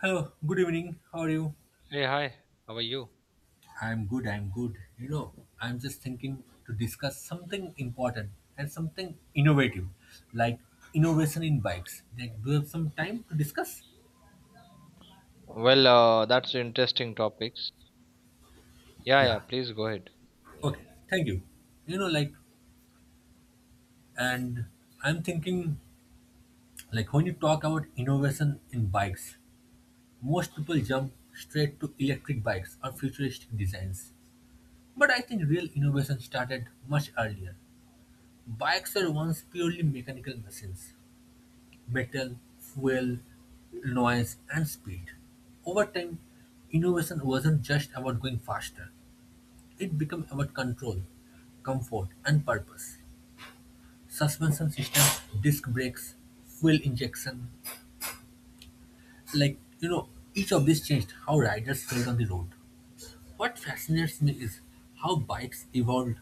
Hello, good evening. How are you? Hey, hi, how are you? I'm good. You know, I'm just thinking to discuss something important and something innovative, like innovation in bikes. Like, do you have some time to discuss? Well, that's interesting topics. Yeah, yeah, Yeah. please go ahead. Okay. Thank you. You know, like, and I'm thinking, like, when you talk about innovation in bikes, most people jump straight to electric bikes or futuristic designs. But I think real innovation started much earlier. Bikes were once purely mechanical machines metal, fuel, noise, and speed. Over time, innovation wasn't just about going faster, it became about control, comfort, and purpose. Suspension systems, disc brakes, fuel injection like, you know, each of these changed how riders felt on the road. What fascinates me is how bikes evolved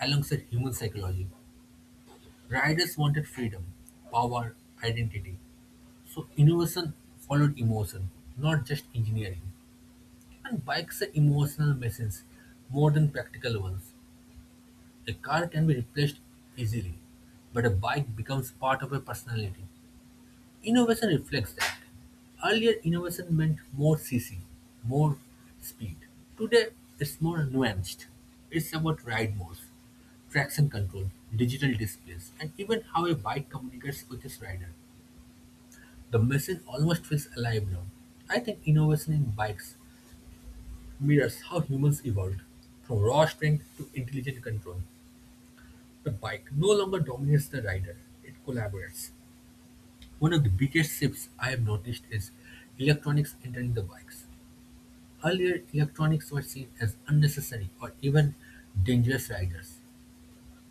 alongside human psychology. Riders wanted freedom, power, identity. So innovation followed emotion, not just engineering. And bikes are emotional machines more than practical ones. A car can be replaced easily, but a bike becomes part of a personality. Innovation reflects that. Earlier, innovation meant more CC, more speed. Today, it's more nuanced. It's about ride modes, traction control, digital displays, and even how a bike communicates with its rider. The machine almost feels alive now. I think innovation in bikes mirrors how humans evolved from raw strength to intelligent control. The bike no longer dominates the rider, it collaborates. One of the biggest shifts I have noticed is electronics entering the bikes. Earlier, electronics were seen as unnecessary or even dangerous riders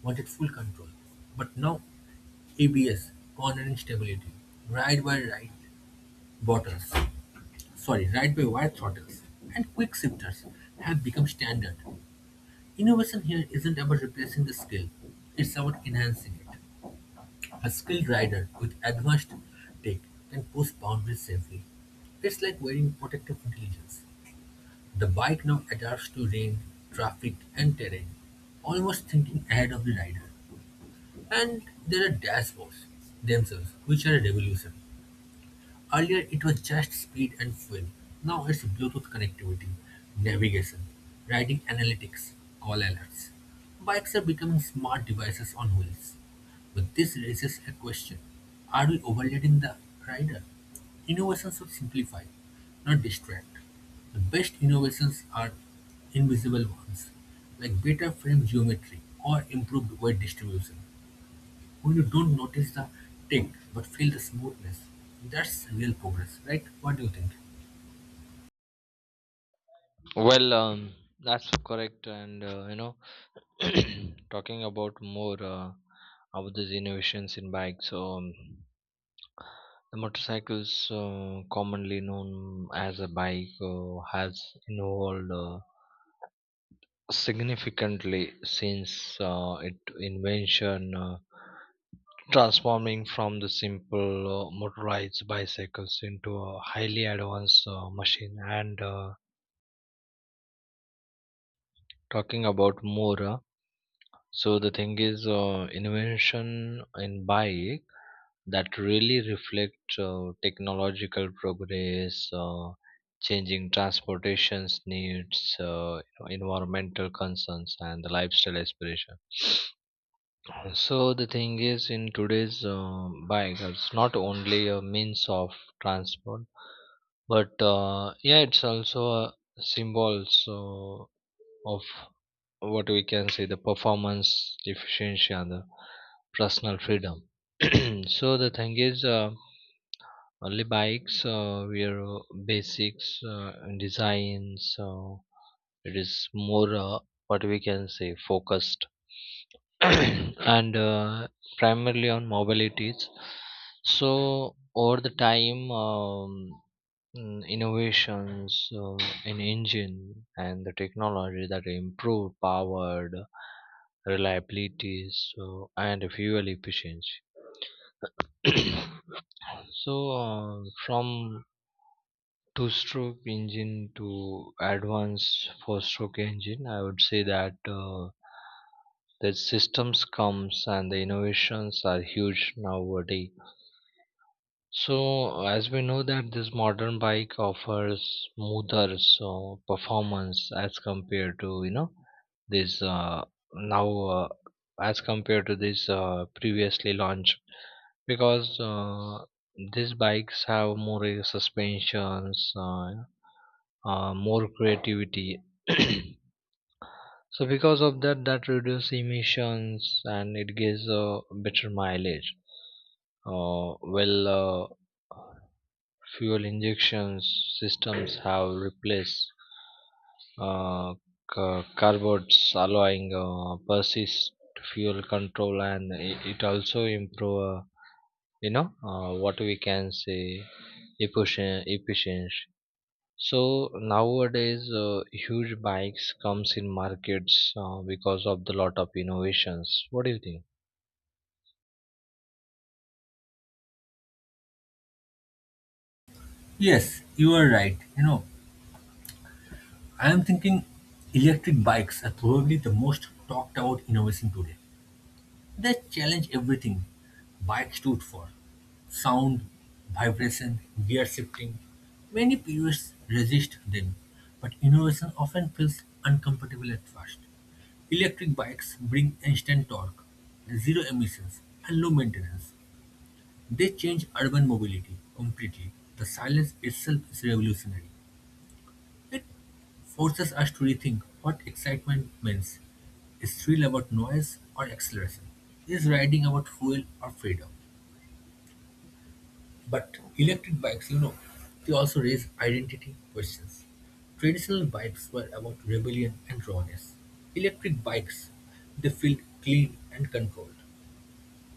wanted full control. But now ABS, cornering stability, ride by ride buttons, sorry, right-by-wire throttles and quick shifters have become standard. Innovation here isn't about replacing the skill, it's about enhancing it. A skilled rider with advanced tech can push boundaries safely. It's like wearing protective intelligence. The bike now adapts to rain, traffic, and terrain, almost thinking ahead of the rider. And there are dashboards themselves, which are a revolution. Earlier it was just speed and fuel. Now it's Bluetooth connectivity, navigation, riding analytics, call alerts. Bikes are becoming smart devices on wheels. But this raises a question. Are we overloading the rider? Innovations should simplify, not distract. The best innovations are invisible ones, like better frame geometry or improved weight distribution. When you don't notice the tick but feel the smoothness, that's real progress, right? What do you think? Well, that's correct. And, talking about more about these innovations in bikes. The motorcycles, commonly known as a bike, has evolved significantly since its invention. Transforming from the simple motorized bicycles into a highly advanced machine. And talking about more so the thing is invention in bike that really reflect technological progress, changing transportations needs, environmental concerns, and the lifestyle aspiration. So the thing is, in today's bike, it's not only a means of transport, but yeah, it's also a symbol so of what we can say the performance, efficiency, and the personal freedom. So the thing is, only bikes, we are basics and design, so it is more what we can say focused and primarily on mobilities. So over the time innovations in engine and the technology that improve power, reliability, so and fuel efficiency. So from two stroke engine to advanced four stroke engine, I would say that the systems comes and the innovations are huge nowadays. So, as we know that this modern bike offers smoother so performance as compared to, you know, this now as compared to this previously launched, because these bikes have more suspensions, more creativity. So because of that, that reduces emissions and it gives a better mileage. Well. Uh, Fuel injection systems have replaced uh, carbots, allowing precise fuel control, and it also improve, you know, what we can say efficient efficiency. So nowadays, huge bikes comes in markets because of the lot of innovations. What do you think? Yes, you are right. You know, I am thinking electric bikes are probably the most talked about innovation today. They challenge everything bikes stood for sound, vibration, gear shifting. Many purists resist them, but innovation often feels uncomfortable at first. Electric bikes bring instant torque, zero emissions, and low maintenance. They change urban mobility completely; the silence itself is revolutionary. It forces us to rethink what excitement means. Is thrill about noise or acceleration? Is riding about fuel or freedom? But electric bikes, you know, they also raise identity questions. Traditional bikes were about rebellion and rawness. Electric bikes, they feel clean and controlled.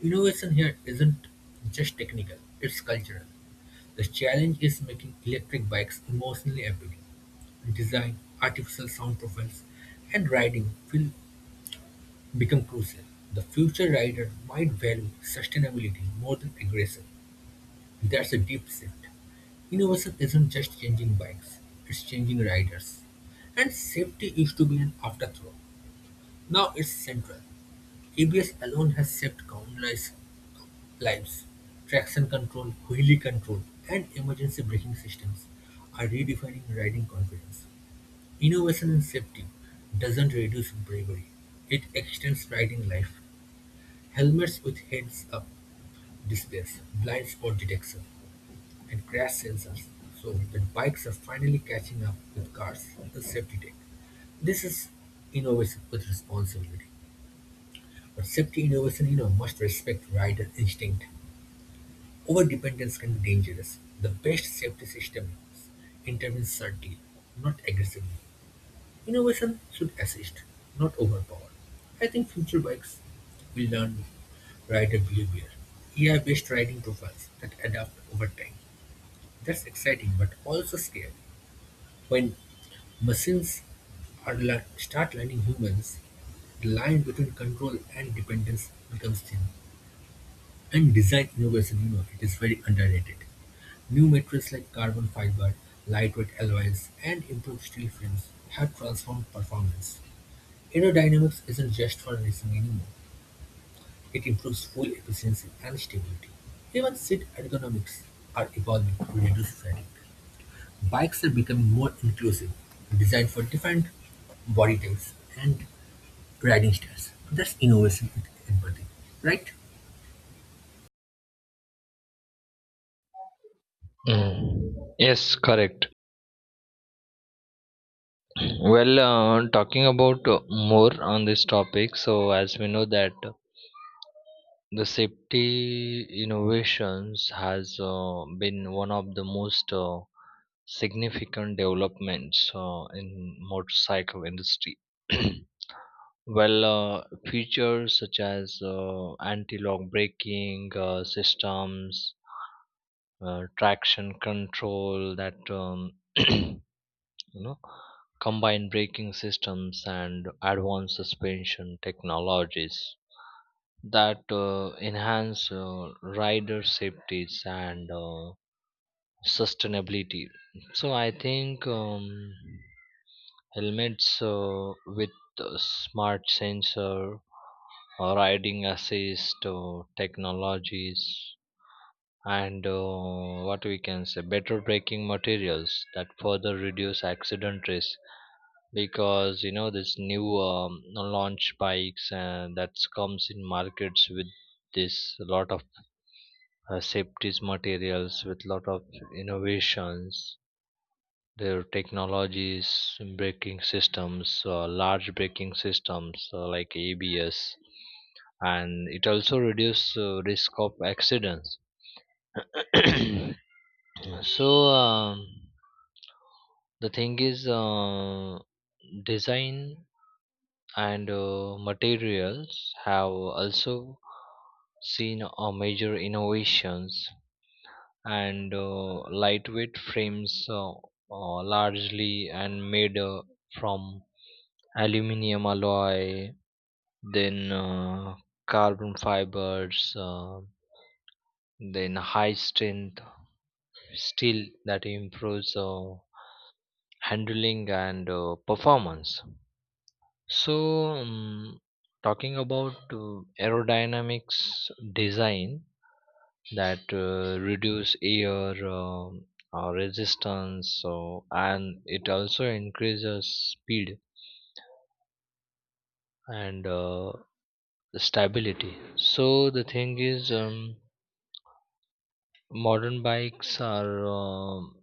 Innovation here isn't just technical, it's cultural. The challenge is making electric bikes emotionally appealing. Design, artificial sound profiles, and riding will become crucial. The future rider might value sustainability more than aggression. That's a deep shift. Innovation isn't just changing bikes, it's changing riders. And safety used to be an afterthought. Now it's central. ABS alone has saved countless lives. Traction control, wheelie control, and emergency braking systems are redefining riding confidence. Innovation in safety doesn't reduce bravery, it extends riding life. Helmets with heads up displays, blind spot detection, and crash sensors so that bikes are finally catching up with cars in safety tech. This is innovation with responsibility. But safety innovation, you know, must respect rider instinct. Overdependence can be dangerous. The best safety system intervenes subtly, not aggressively. Innovation should assist, not overpower. I think future bikes will learn rider behavior, AI-based riding profiles that adapt over time. That's exciting, but also scary. When machines start learning humans, the line between control and dependence becomes thin. And design innovation, you know, it is very underrated. New materials like carbon fiber, lightweight alloys, and improved steel frames have transformed performance. Aerodynamics isn't just for racing anymore. It improves fuel efficiency and stability. Even seat ergonomics are evolving to reduce fatigue. Bikes are becoming more inclusive, designed for different body types and riding styles. That's innovation with empathy, right? Mm. Yes, correct. Well, talking about more on this topic. So as we know that the safety innovations has been one of the most significant developments in motorcycle industry. Well, features such as anti-lock braking systems, traction control that, you know, combine braking systems and advanced suspension technologies that enhance rider safeties and sustainability. So I think, helmets with smart sensor, riding assist technologies, and what we can say better braking materials that further reduce accident risk, because you know, this new launch bikes and that comes in markets with this lot of safety materials with lot of innovations, their technologies, braking systems, large braking systems like ABS. And it also reduces risk of accidents. So, the thing is, design and materials have also seen a major innovations. And lightweight frames, largely and made from aluminium alloy, then carbon fibers, then high strength steel, that improves handling and performance. So, um, talking about aerodynamics design that reduce air, resistance, so and it also increases speed and stability. So the thing is, modern bikes are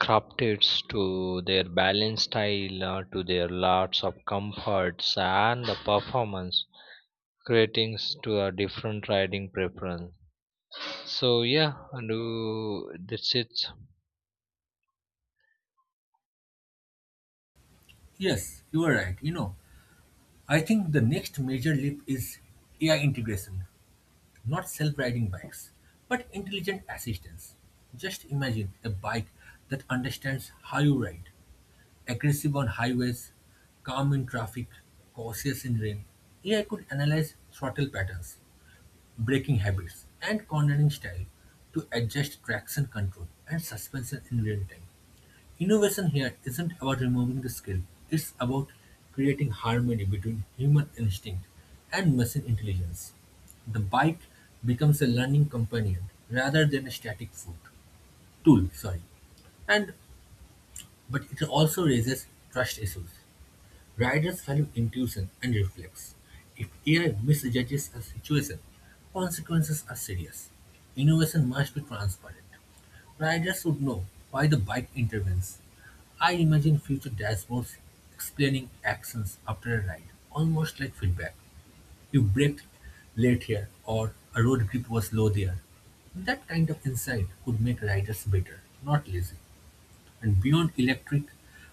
crafted to their balance style, to their lots of comforts and the performance, creating to a different riding preference. So yeah, and, that's it. Yes, you are right. You know, I think the next major leap is AI integration, not self riding bikes, but intelligent assistance. Just imagine a bike that understands how you ride, aggressive on highways, calm in traffic, cautious in rain. AI could analyze throttle patterns, braking habits, and cornering style to adjust traction control and suspension in real time. Innovation here isn't about removing the skill, it's about creating harmony between human instinct and machine intelligence. The bike becomes a learning companion rather than a static foot tool, sorry. And but it also raises trust issues. Riders value intuition and reflex. If AI misjudges a situation, consequences are serious. Innovation must be transparent. Riders should know why the bike intervenes. I imagine future dashboards explaining actions after a ride, almost like feedback. You braked late here, or a road grip was low there. That kind of insight could make riders better, not lazy. And beyond electric,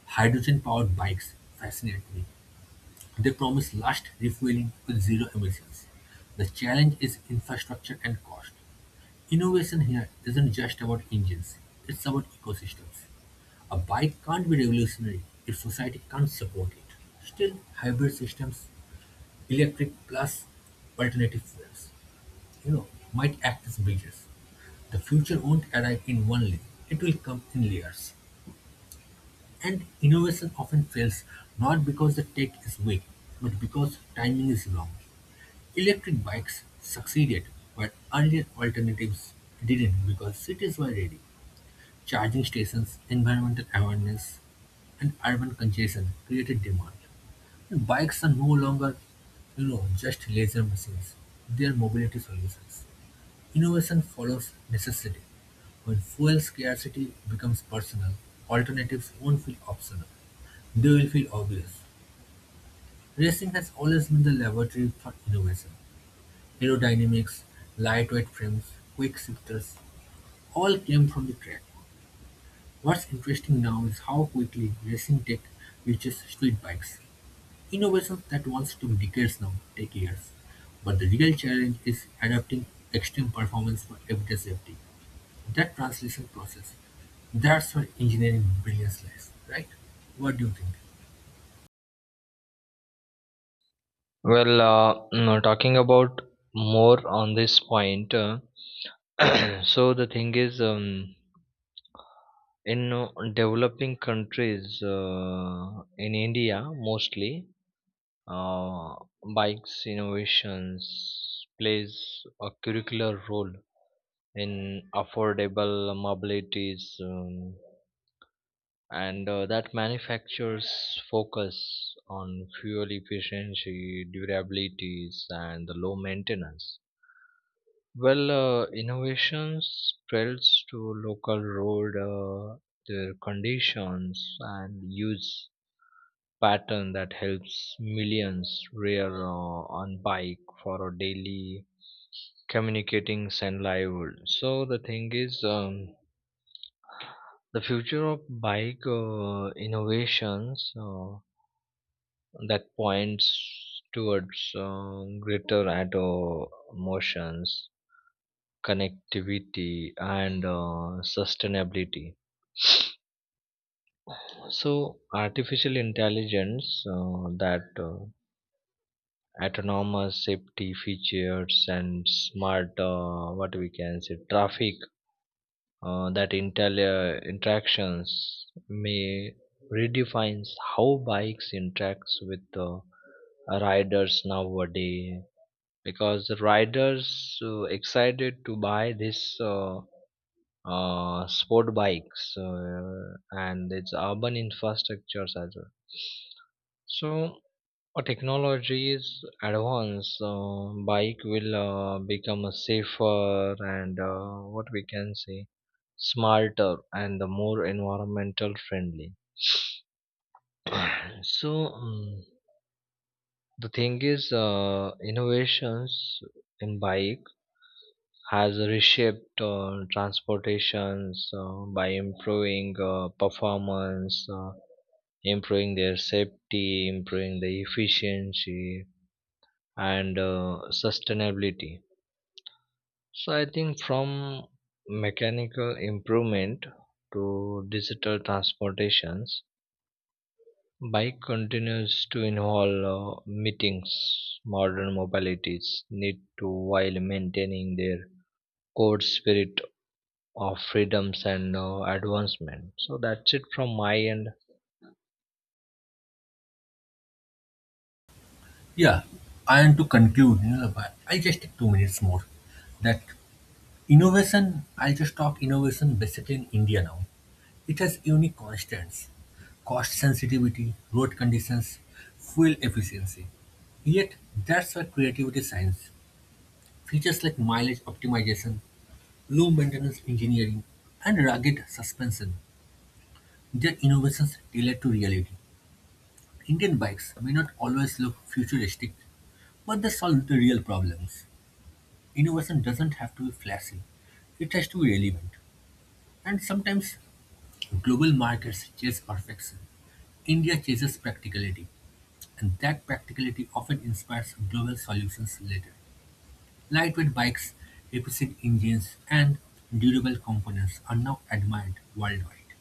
hydrogen powered bikes fascinate me. They promise last refueling with zero emissions. The challenge is infrastructure and cost. Innovation here isn't just about engines, it's about ecosystems. A bike can't be revolutionary if society can't support it. Still, hybrid systems, electric plus alternative fuels, you know, might act as bridges. The future won't arrive in one leap, it will come in layers. And innovation often fails not because the tech is weak, but because timing is wrong. Electric bikes succeeded where earlier alternatives didn't because cities were ready. Charging stations, environmental awareness, and urban congestion created demand. And bikes are no longer, you know, just leisure machines. They are mobility solutions. Innovation follows necessity. When fuel scarcity becomes personal, alternatives won't feel optional. They will feel obvious. Racing has always been the laboratory for innovation. Aerodynamics, lightweight frames, quick shifters, all came from the track. What's interesting now is how quickly racing tech reaches street bikes. Innovations that once took decades now take years. But the real challenge is adapting extreme performance for everyday safety. That translation process. That's where engineering brilliance lies, right? What do you think? Well, no, talking about more on this point. Uh, so the thing is, in developing countries, in India mostly, uh, bikes innovations plays a curricular role in affordable mobilities, and that manufactures focus on fuel efficiency, durabilities, and the low maintenance. Well, innovations spreads to local road, their conditions and use pattern that helps millions rear on bike for a daily communicating send livelihood. So the thing is, the future of bike innovations that points towards greater auto motions, connectivity, and sustainability. So artificial intelligence, that autonomous safety features and smart, what we can say traffic, that intel interactions may redefines how bikes interacts with riders nowadays, because riders excited to buy this sport bikes and its urban infrastructures as well. So, a technology's advance bike will become a safer and what we can say smarter and the more environmental friendly. So, the thing is, innovations in bike has reshaped transportations by improving performance, improving their safety, improving the efficiency, and sustainability. So I think from mechanical improvement to digital transportations, bike continues to involve meetings. Modern mobilities need to while maintaining their core spirit of freedoms and advancement. So that's it from my end. Yeah, and to conclude, you know, but I just take 2 minutes more. That innovation, I'll just talk innovation basically in India now. It has unique constants, cost sensitivity, road conditions, fuel efficiency. Yet, that's where creativity shines. Features like mileage optimization, low maintenance engineering, and rugged suspension, their innovations tailored to reality. Indian bikes may not always look futuristic, but they solve the real problems. Innovation doesn't have to be flashy, it has to be relevant. And sometimes global markets chase perfection. India chases practicality, and that practicality often inspires global solutions later. Lightweight bikes, efficient engines, and durable components are now admired worldwide.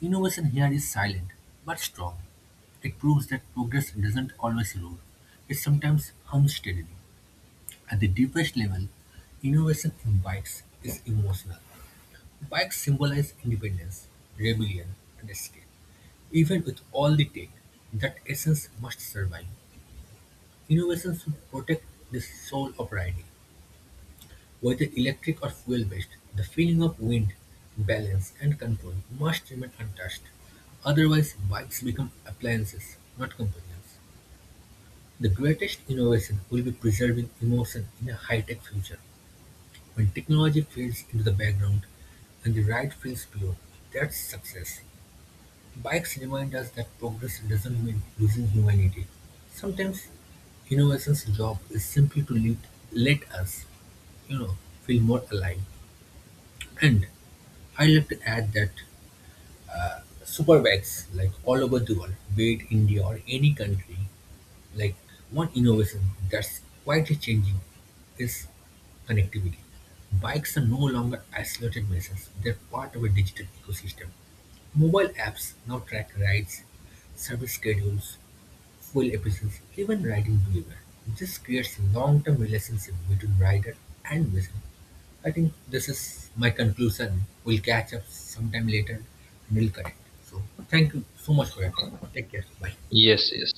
Innovation here is silent but strong. It proves that progress doesn't always roar. It sometimes hums steadily. At the deepest level, innovation in bikes is emotional. Bikes symbolize independence, rebellion, and escape. Even with all the tech, that essence must survive. Innovation should protect the soul of riding. Whether electric or fuel-based, the feeling of wind, balance, and control must remain untouched. Otherwise, bikes become appliances, not companions. The greatest innovation will be preserving emotion in a high-tech future. When technology fades into the background and the ride feels pure, that's success. Bikes remind us that progress doesn't mean losing humanity. Sometimes innovation's job is simply to let, let us, you know, feel more alive. And I like to add that super bikes, like all over the world, be it India or any country, like one innovation that's quietly changing is connectivity. Bikes are no longer isolated missions, they're part of a digital ecosystem. Mobile apps now track rides, service schedules, fuel efficiency, even riding behavior. This creates long-term relationship between rider and mission. I think this is my conclusion. We'll catch up sometime later and we'll connect. So thank you so much for your time. Take care. Bye. Yes, yes.